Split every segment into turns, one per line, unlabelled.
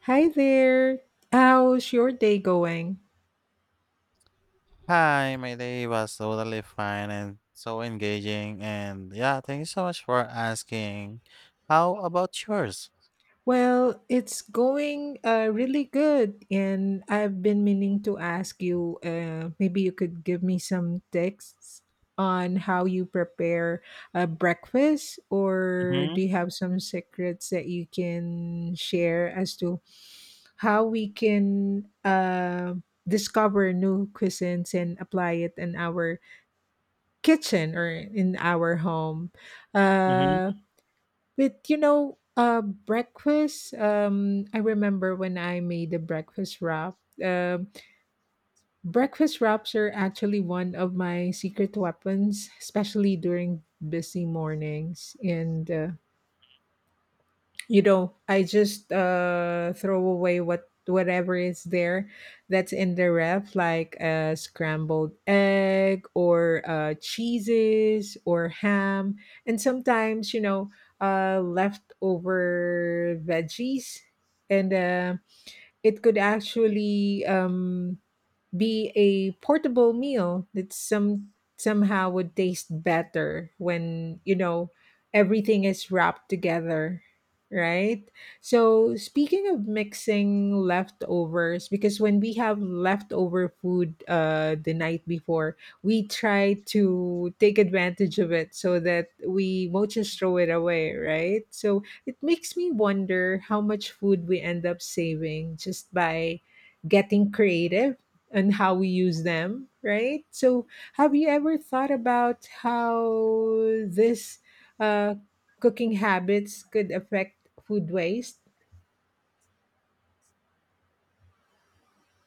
Hi there. How's your day going?
Hi, my day was totally fine and so engaging. And yeah, thank you so much for asking. How about yours?
Well, it's going really good, and I've been meaning to ask you. Maybe you could give me some tips on how you prepare a breakfast, or
Mm-hmm.
do you have some secrets that you can share as to how we can discover new cuisines and apply it in our kitchen or in our home?
Mm-hmm.
Uh, with breakfast, I remember when I made the breakfast wrap. um Breakfast wraps are actually one of my secret weapons, especially during busy mornings. And I just throw away whatever is there, that's in the ref, like a scrambled egg or cheeses or ham, and sometimes, you know, leftover veggies. And It could actually be a portable meal that somehow would taste better when, you know, everything is wrapped together, right? So, speaking of mixing leftovers, because when we have leftover food the night before, we try to take advantage of it so that we won't just throw it away, right? So it makes me wonder how much food we end up saving just by getting creative and how we use them, right? So, have you ever thought about how this, uh, cooking habits could affect food waste?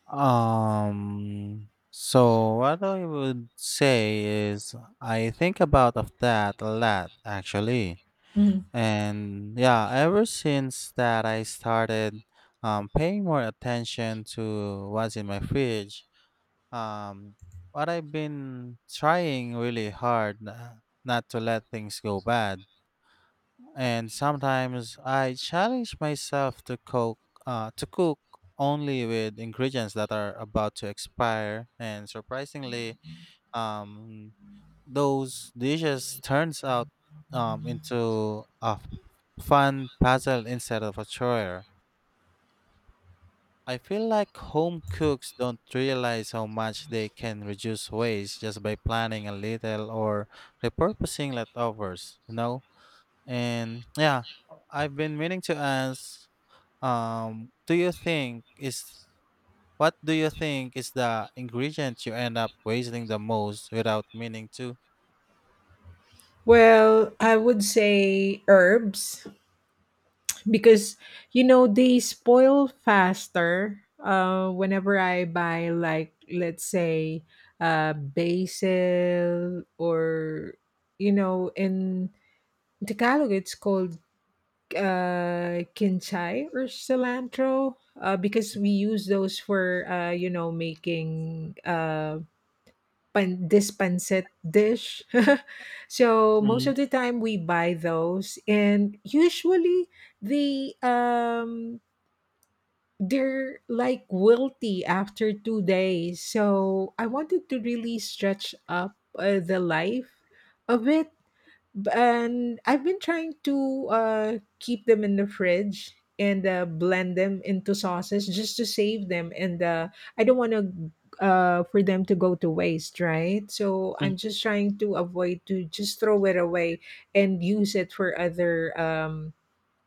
So what I would say is I think about of that a lot actually.
Mhm.
And yeah, ever since that I started paying more attention to what's in my fridge Um, what I've been trying really hard not to let things go bad, and sometimes I challenge myself to cook only with ingredients that are about to expire, and surprisingly, um, those dishes turns out into a fun puzzle instead of a chore. I feel like home cooks don't realize how much they can reduce waste just by planning a little or repurposing leftovers, you know? And yeah, I've been meaning to ask, do you think is what do you think is the ingredient you end up wasting the most without meaning to?
Well, I would say herbs because, you know, they spoil faster. Whenever I buy, like, let's say basil, or, you know, in Tagalog it's called kinchay, or cilantro, because we use those for, you know, making this pancit dish. So most
Mm,
of the time we buy those, and usually they they're like wilty after 2 days. So I wanted to really stretch up the life of it. And I've been trying to keep them in the fridge and blend them into sauces just to save them. And I don't want to, for them to go to waste, right? So I'm just trying to avoid to just throw it away and use it for other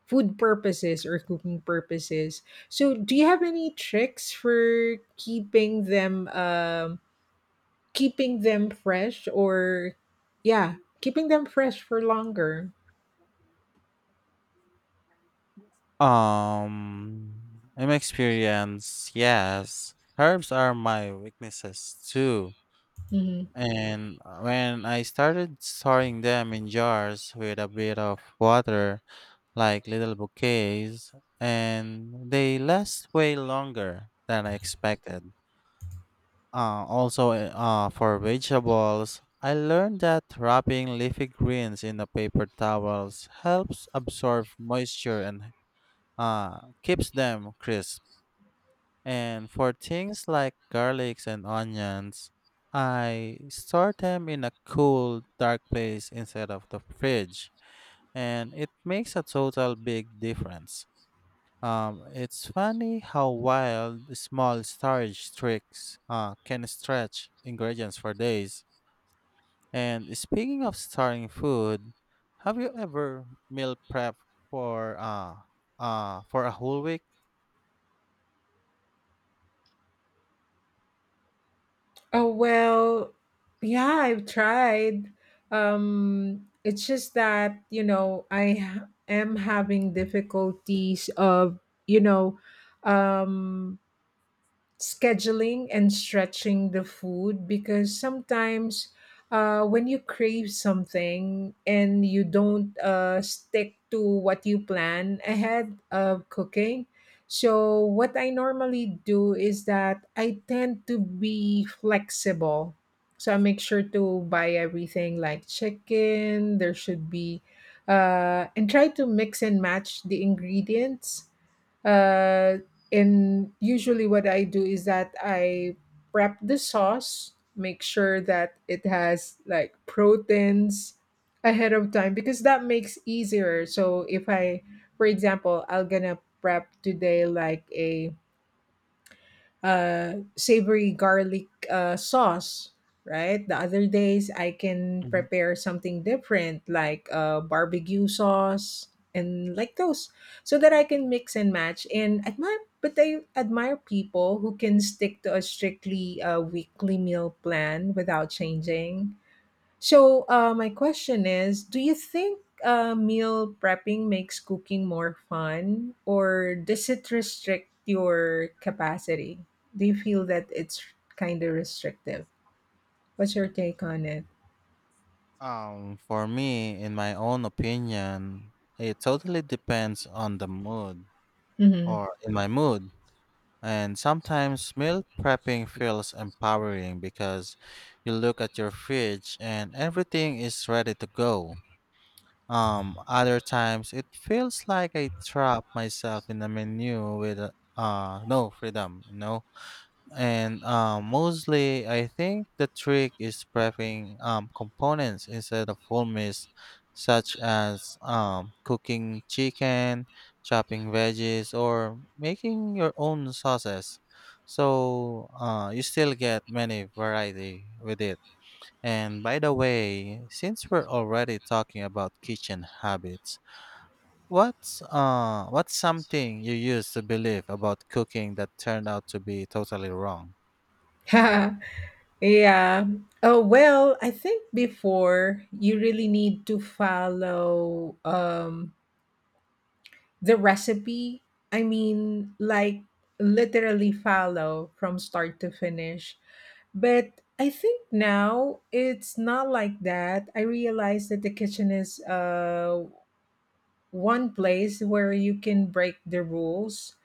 food purposes or cooking purposes. So do you have any tricks for keeping them, keeping them fresh, or yeah, keeping them fresh for longer?
Um, In my experience, yes, herbs are my weaknesses too.
Hmm.
And when I started storing them in jars with a bit of water, like little bouquets, and they last way longer than I expected. Also, for vegetables, I learned that wrapping leafy greens in the paper towels helps absorb moisture and uh, keeps them crisp. And for things like garlics and onions, I store them in a cool, dark place instead of the fridge, and it makes a total big difference. It's funny how wild the small storage tricks can stretch ingredients for days. And speaking of storing food, have you ever meal prep for uh, for a whole week?
Oh well, yeah, I've tried. It's just that, you know, I am having difficulties of, you know, um, scheduling and stretching the food because sometimes, when you crave something and you don't stick to what you plan ahead of cooking. So, what I normally do is that I tend to be flexible. So, I make sure to buy everything, like chicken, there should be, and try to mix and match the ingredients, uh, and usually, what I do is that I prep the sauce, make sure that it has like proteins ahead of time because that makes easier. So if I, for example, I'm gonna prep today like a savory garlic sauce, right? The other days, I can prepare something different like barbecue sauce and like those so that I can mix and match. But I admire people who can stick to a strictly weekly meal plan without changing. So, my question is, do you think meal prepping makes cooking more fun, or does it restrict your capacity? Do you feel that it's kind of restrictive? What's your take on it?
For me, in my own opinion, it totally depends on the mood
Hmm.
or in my mood. And sometimes meal prepping feels empowering because you look at your fridge and everything is ready to go. Other times it feels like I trap myself in a menu with no freedom, you know? And mostly, I think the trick is prepping components instead of whole meals, such as cooking chicken, chopping veggies, or making your own sauces. So you still get many variety with it. And by the way, since we're already talking about kitchen habits, what's something you used to believe about cooking that turned out to be totally wrong?
Yeah. Oh, well, I think before you really need to follow, the recipe, I mean, like literally follow from start to finish. But I think now it's not like that. I realize that the kitchen is one place where you can break the rules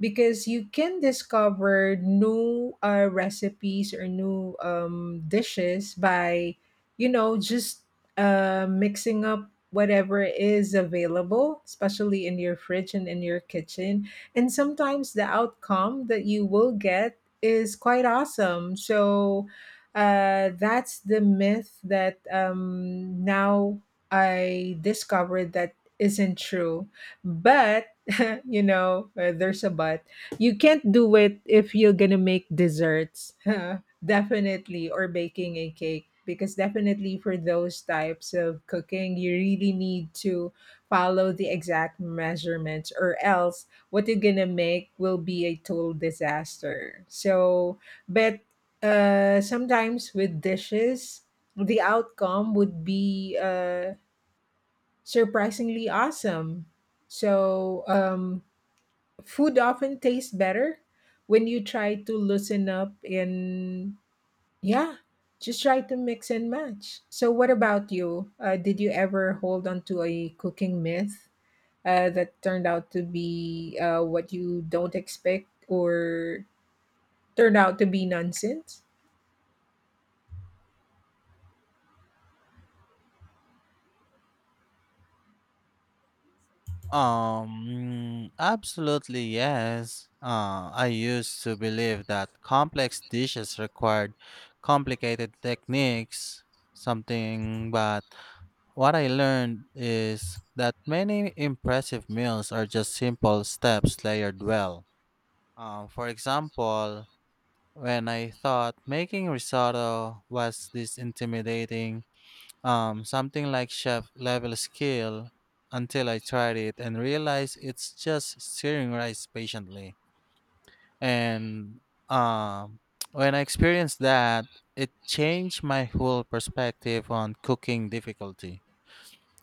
because you can discover new recipes or new dishes by, you know, just mixing up whatever is available, especially in your fridge and in your kitchen. And sometimes the outcome that you will get is quite awesome. So that's the myth that, now I discovered that isn't true. But, you know, there's a but. You can't do it if you're going to make desserts, definitely, or baking a cake. Because definitely for those types of cooking, you really need to follow the exact measurements, or else what you're gonna make will be a total disaster. So, but sometimes with dishes, the outcome would be, surprisingly awesome. So, food often tastes better when you try to loosen up and, yeah, just try to mix and match. So, what about you? Did you ever hold on to a cooking myth, that turned out to be, what you don't expect, or turned out to be nonsense?
Absolutely yes. I used to believe that complex dishes required complicated techniques, something, but what I learned is that many impressive meals are just simple steps layered well. For example, when I thought making risotto was this intimidating something like chef level skill until I tried it and realized it's just stirring rice patiently. And um, when I experienced that, it changed my whole perspective on cooking difficulty.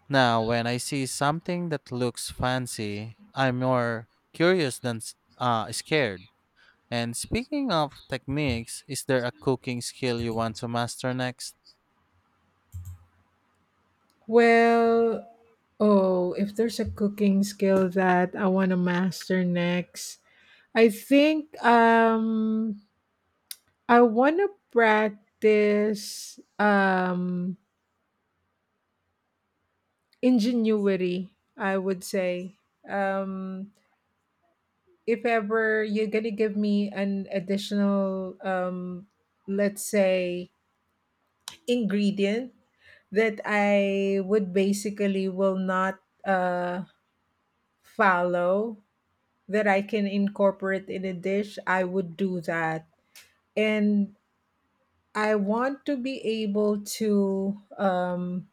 Now, when I see something that looks fancy, I'm more curious than scared. And speaking of techniques, is there a cooking skill you want to master next?
Well, oh, if there's a cooking skill that I want to master next, I think I want to practice ingenuity, I would say. Um if ever you're going to give me an additional, let's say, ingredient that I would basically will not uh follow, that I can incorporate in a dish, I would do that. And I want to be able to,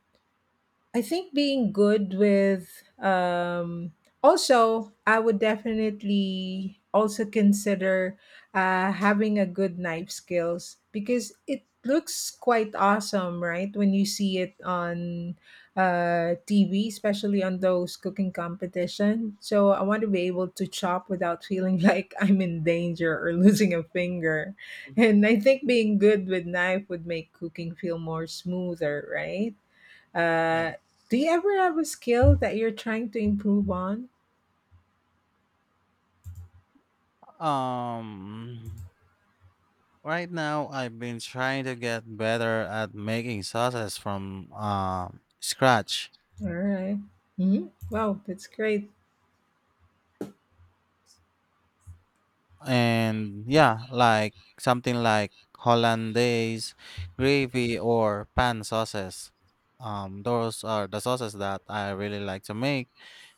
I think being good with, also I would definitely also consider having a good knife skills, because it looks quite awesome, right? When you see it on, TV, especially on those cooking competition. So I want to be able to chop without feeling like I'm in danger or losing a finger. And I think being good with knife would make cooking feel more smoother, right? Uh, do
Yes.
you ever have a skill that you're trying to improve on?
Um, right now I've been trying to get better at making sauces from scratch.
All right. Mm-hmm. Wow, that's great.
And yeah, like something like hollandaise gravy or pan sauces. Those are the sauces that I really like to make.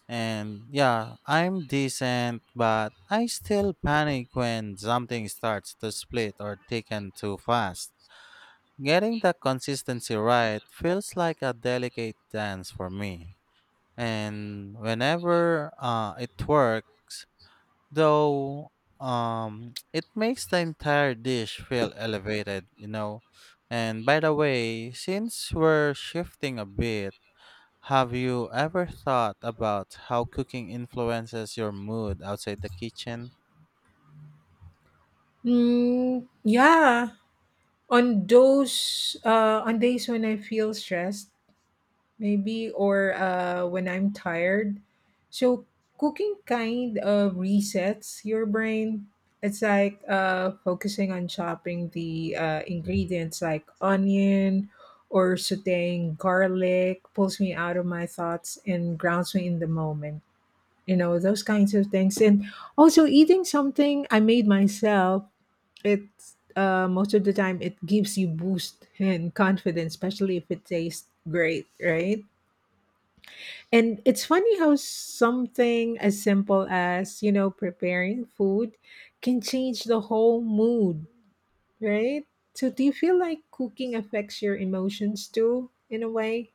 And yeah, I'm decent, but I still panic when something starts to split or thicken too fast. Getting the consistency right feels like a delicate dance for me. And whenever it works, though, it makes the entire dish feel elevated, you know. And by the way, since we're shifting a bit, have you ever thought about how cooking influences your mood outside the kitchen?
Mm, yeah. On those, on days when I feel stressed, maybe, or when I'm tired. So cooking kind of resets your brain. It's like, focusing on chopping the, ingredients like onion or sauteing garlic pulls me out of my thoughts and grounds me in the moment. You know, those kinds of things. And also eating something I made myself, it's, most of the time it gives you boost and confidence, especially if it tastes great, right? And it's funny how something as simple as, you know, preparing food can change the whole mood, right? So do you feel like cooking affects your emotions too in a way?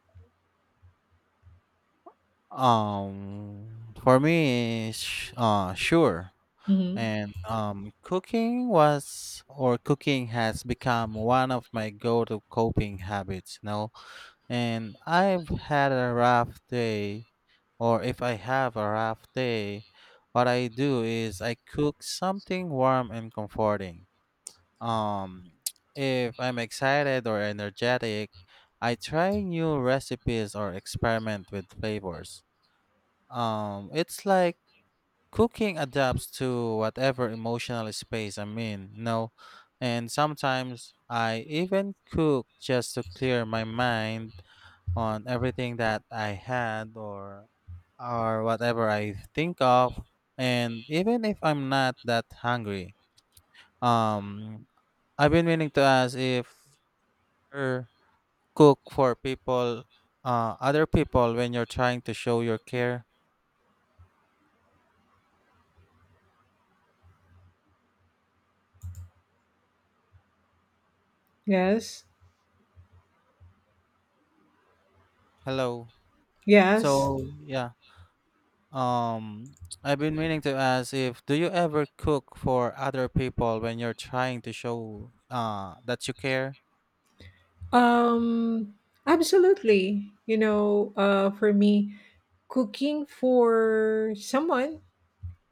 For me, sure.
Mhm.
And cooking was, or cooking has become one of my go-to coping habits, you know. And I've had a rough day, or if I have a rough day, what I do is I cook something warm and comforting. Um, if I'm excited or energetic, I try new recipes or experiment with flavors. It's like cooking adapts to whatever emotional space I'm in, you know, and sometimes I even cook just to clear my mind on everything that I had, or whatever I think of. And even if I'm not that hungry, um, I've been meaning to ask if you cook for people, other people when you're trying to show your care.
Yes.
Hello.
Yes.
So yeah. Um, I've been meaning to ask if do you ever cook for other people when you're trying to show that you care?
Um, absolutely. You know, for me, cooking for someone,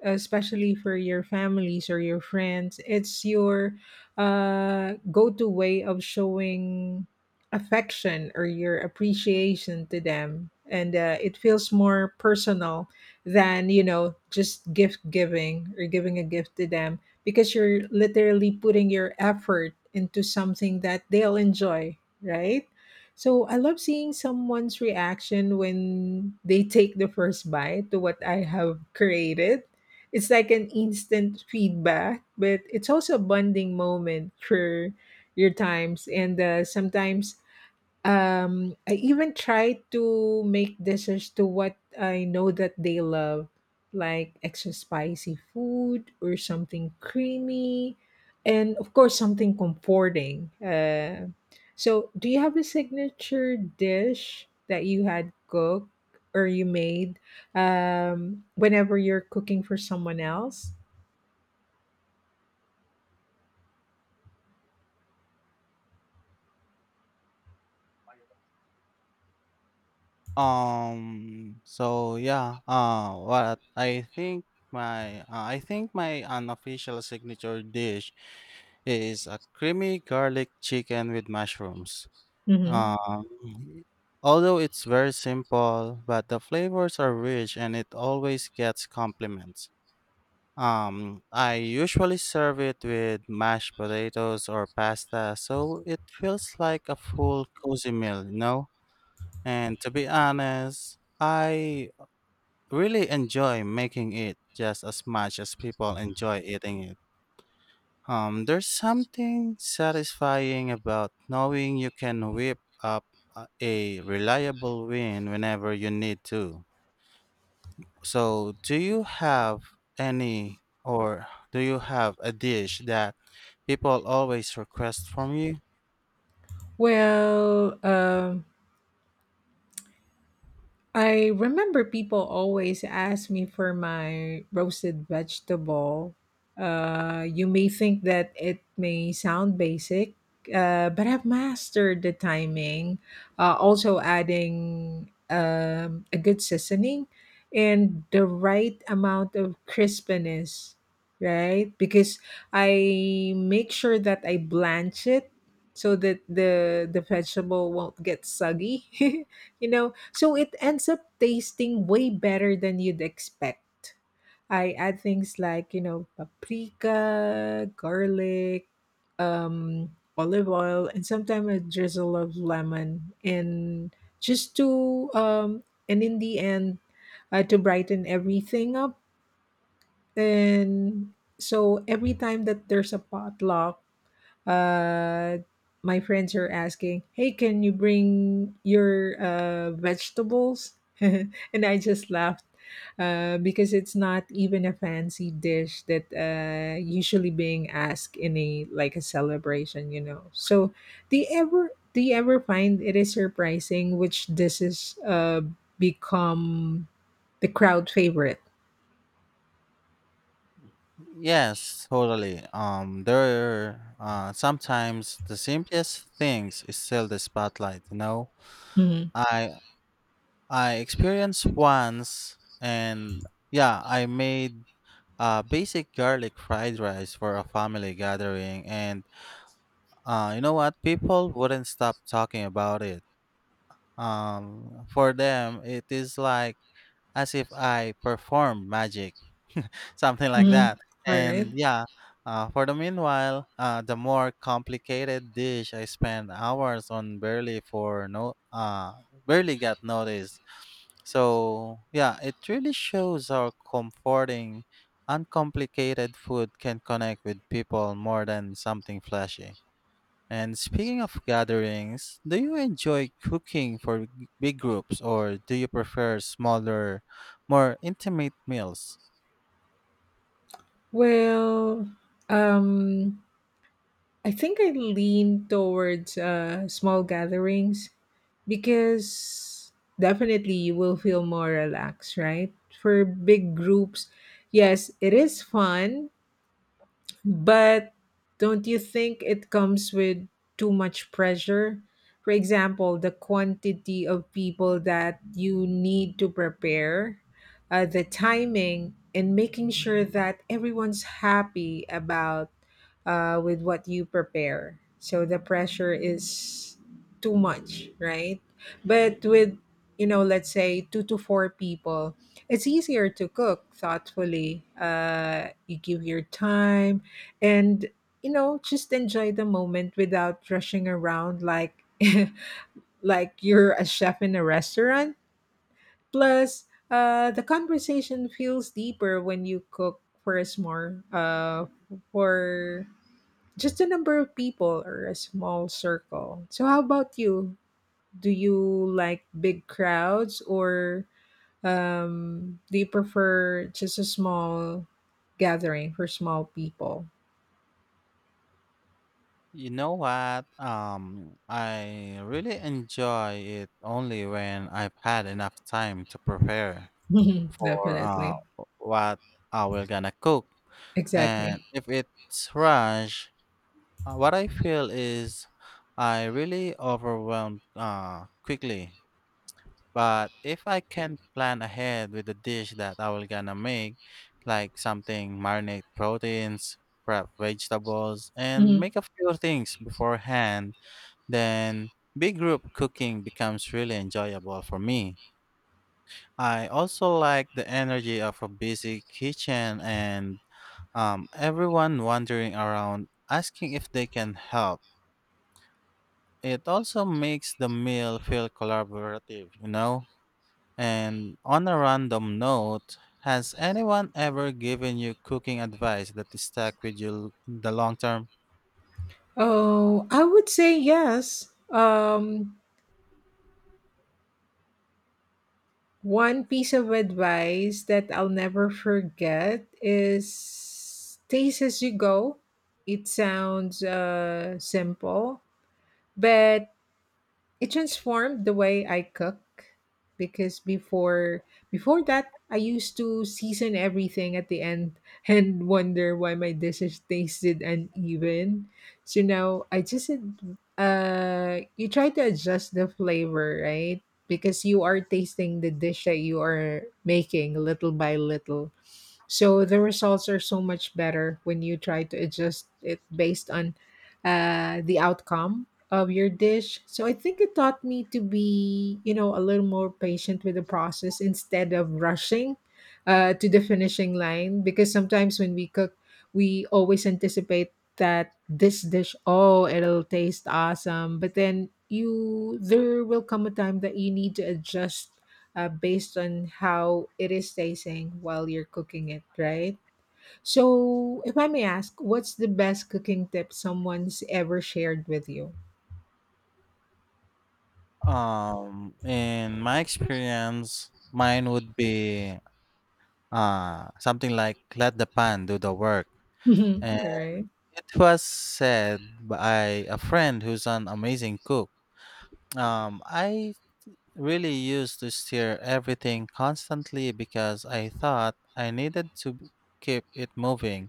especially for your families or your friends, it's your go to way of showing affection or your appreciation to them. And it feels more personal than, you know, just gift giving or giving a gift to them, because you're literally putting your effort into something that they'll enjoy, right? So I love seeing someone's reaction when they take the first bite to what I have created. It's like an instant feedback, but it's also a bonding moment for your times. And sometimes, I even try to make dishes to what I know that they love, like extra spicy food or something creamy, and of course something comforting. So, do you have a signature dish that you had cooked or you made, whenever you're cooking for someone else?
Yeah, what I think my unofficial signature dish is a creamy garlic chicken with mushrooms. Um,
Hmm.
although it's very simple, but the flavors are rich and it always gets compliments. I usually serve it with mashed potatoes or pasta, so it feels like a full cozy meal, you know? And to be honest, I really enjoy making it just as much as people enjoy eating it. There's something satisfying about knowing you can whip up a reliable win whenever you need to. So, do you have any or a dish that people always request from you?
Well, I remember people always ask me for my roasted vegetable. You may think that it may sound basic, but I've mastered the timing. Also, adding, a good seasoning and the right amount of crispness, right? Because I make sure that I blanch it, so that the vegetable won't get soggy. You know, so it ends up tasting way better than you'd expect. I add things like, you know, paprika, garlic, olive oil, and sometimes a drizzle of lemon, and just to and in the end, to brighten everything up. And so every time that there's a potluck, uh my friends are asking, hey, can you bring your vegetables? And I just laughed, because it's not even a fancy dish that usually being asked in a, like, a celebration, you know. So do you ever find it is surprising which dishes become the crowd favorite?
Yes, totally. There Sometimes the simplest things is still the spotlight. You know,
Mhm.
I I experienced once, and yeah, I made basic garlic fried rice for a family gathering, and you know what? People wouldn't stop talking about it. For them, it is like as if I performed magic something like
Mhm.
that.
All right.
And yeah, for the meanwhile, the more complicated dish I spent hours on barely for no, barely got noticed. So yeah, it really shows how comforting uncomplicated food can connect with people more than something flashy. And speaking of gatherings, do you enjoy cooking for big groups or do you prefer smaller, more intimate meals?
Well, um I think I lean towards small gatherings, because definitely you will feel more relaxed, right? For big groups, yes, it is fun, but don't you think it comes with too much pressure? For example, the quantity of people that you need to prepare, the timing, and making sure that everyone's happy about, with what you prepare. So the pressure is too much, right? But with, you know, let's say two to four people, it's easier to cook thoughtfully. You give your time and just enjoy the moment without rushing around like like you're a chef in a restaurant. Plus the conversation feels deeper when you cook for a small for just a number of people or a small circle. So how about you? Do you like big crowds, or do you prefer just a small gathering for small people?
You know what? I really enjoy it only when I've had enough time to prepare for
Definitely.
what I will gonna cook. And
Exactly.
if it's rush, what I feel is I really overwhelmed quickly. But if I can plan ahead with the dish that I will gonna make, like something marinate proteins, prep vegetables, and
Mhm.
make a few things beforehand, then big group cooking becomes really enjoyable for me. I also like the energy of a busy kitchen and everyone wandering around asking if they can help. It also makes the meal feel collaborative, you know? And on a random note, has anyone ever given you cooking advice that stuck with you in the long term?
Oh, I would say yes. One piece of advice that I'll never forget is taste as you go. It sounds simple, but it transformed the way I cook, because before that I used to season everything at the end and wonder why my dishes tasted uneven. So now I just you try to adjust the flavor, right? Because you are tasting the dish that you are making little by little. So the results are so much better when you try to adjust it based on the outcome of your dish. So I think it taught me to be, you know, a little more patient with the process instead of rushing to the finishing line. Because sometimes when we cook, we always anticipate that this dish, oh, it'll taste awesome. But then you, there will come a time that you need to adjust based on how it is tasting while you're cooking it, right? So, if I may ask, what's the best cooking tip someone's ever shared with you?
In my experience, mine would be something like "Let the pan do the work." And
Right.
it was said by a friend who's an amazing cook. I really used to stir everything constantly because I thought I needed to keep it moving.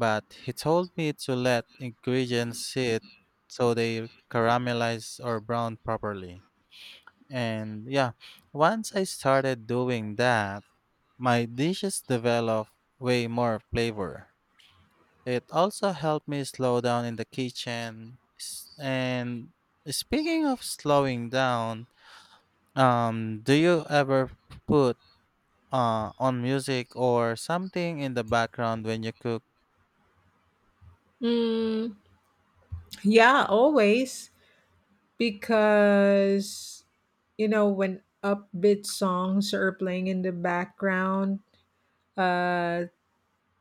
But he told me to let ingredients sit so they caramelize or brown properly. And yeah, once I started doing that, my dishes develop way more flavor. It also helped me slow down in the kitchen. And speaking of slowing down, do you ever put on music or something in the background when you cook?
Mm, yeah, always. Because, you know, when upbeat songs are playing in the background, uh,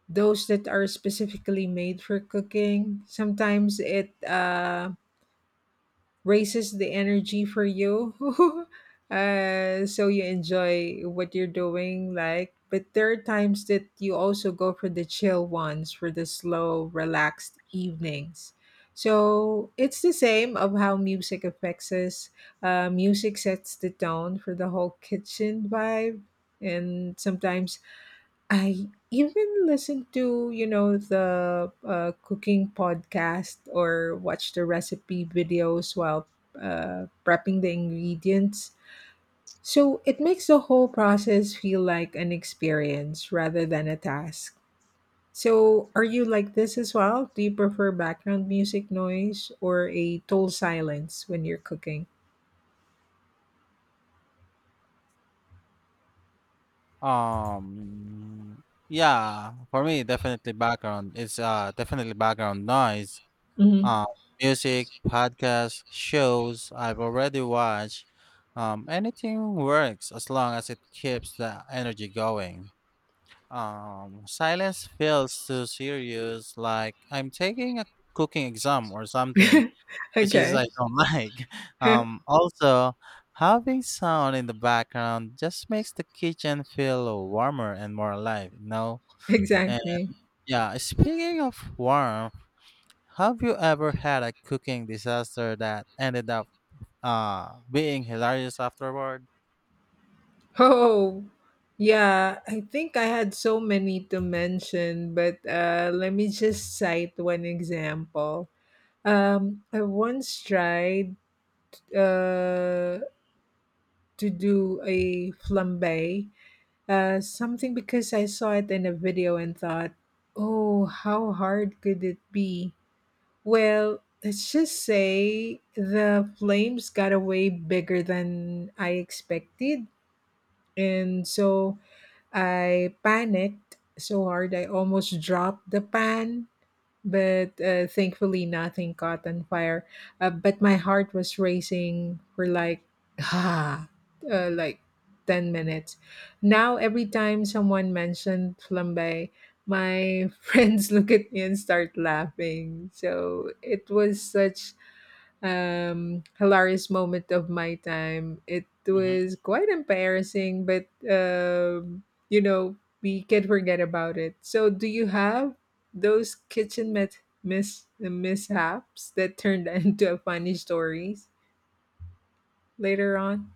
those that are specifically made for cooking, sometimes it raises the energy for you. So you enjoy what you're doing, like, but there are times that you also go for the chill ones for the slow relaxed evenings. So it's the same of how music affects us. Music sets the tone for the whole kitchen vibe. And sometimes I even listen to, you know, the cooking podcast or watch the recipe videos while prepping the ingredients. So it makes the whole process feel like an experience rather than a task. So are you like this as well? Do you prefer background music noise or a total silence when you're cooking?
Um, yeah, for me, definitely background. It's definitely background noise.
Hmm.
Um, music, podcasts, shows I've already watched. Anything works as long as it keeps the energy going. Silence feels too serious, like I'm taking a cooking exam or something, which is
Okay.
I don't like. Also, having sound in the background just makes the kitchen feel warmer and more alive, you know? And
Exactly.
yeah, speaking of warm, have you ever had a cooking disaster that ended up being hilarious afterward?
Oh, yeah. I think I had so many to mention, but let me just cite one example. I once tried uh, to do a flambe, something, because I saw it in a video and thought, oh, how hard could it be? Well, let's just say the flames got away bigger than I expected. And so I panicked so hard I almost dropped the pan, but thankfully nothing caught on fire. But my heart was racing for, like, ah, like 10 minutes. Now, every time someone mentioned flambe, my friends look at me and start laughing. So it was such hilarious moment of my time. It was quite embarrassing, but you know, we can't forget about it. So, do you have those kitchen mishaps that turned into funny stories later on?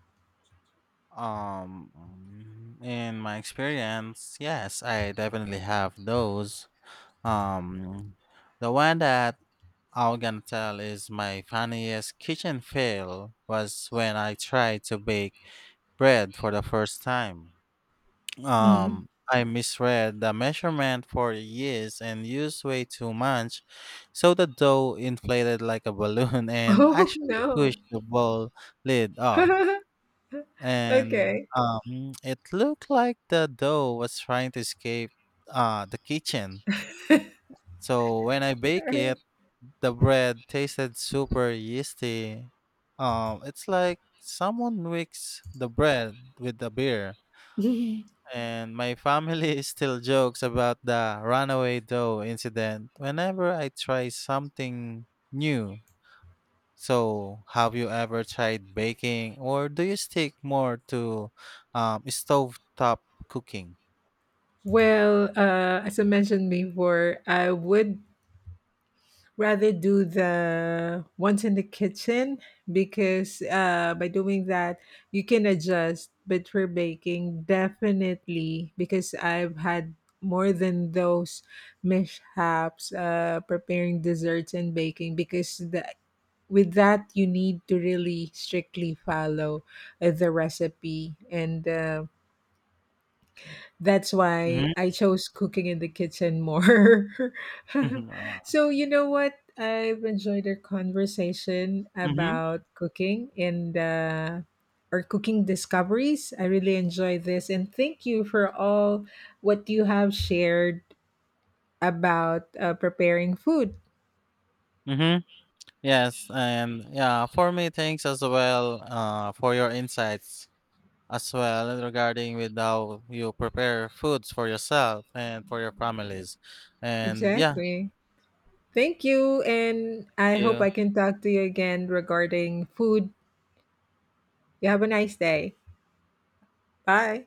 Um, in my experience, yes, I definitely have those. Um, the one that I'm gonna tell is my funniest kitchen fail was when I tried to bake bread for the first time.
Mhm.
I misread the measurement for the yeast and used way too much, so the dough inflated like a balloon and
Oh
actually
no.
pushed the bowl lid off, and
Okay.
it looked like the dough was trying to escape the kitchen. So when I bake
Sorry.
it, the bread tasted super yeasty. It's like someone mixed the bread with the beer. And my family still jokes about the runaway dough incident whenever I try something new. So, have you ever tried baking, or do you stick more to stovetop cooking?
Well, as I mentioned before, I would rather do the ones in the kitchen, because by doing that you can adjust. But for baking, definitely, because I've had more than those mishaps preparing desserts and baking, because with that you need to really strictly follow the recipe, and that's why
Mm-hmm.
I chose cooking in the kitchen more.
Mm-hmm. Uh,
So, you know what? I've enjoyed our conversation
mm-hmm.
about cooking and, our cooking discoveries. I really enjoyed this. And thank you for all what you have shared about preparing food.
Mm-hmm. Yes, and yeah, for me, thanks as well for your insights as well regarding with how you prepare foods for yourself and for your families. And yeah,
Exactly. Thank you. And
thank
I hope
you.
I can talk to you again regarding food. You have a nice day. Bye.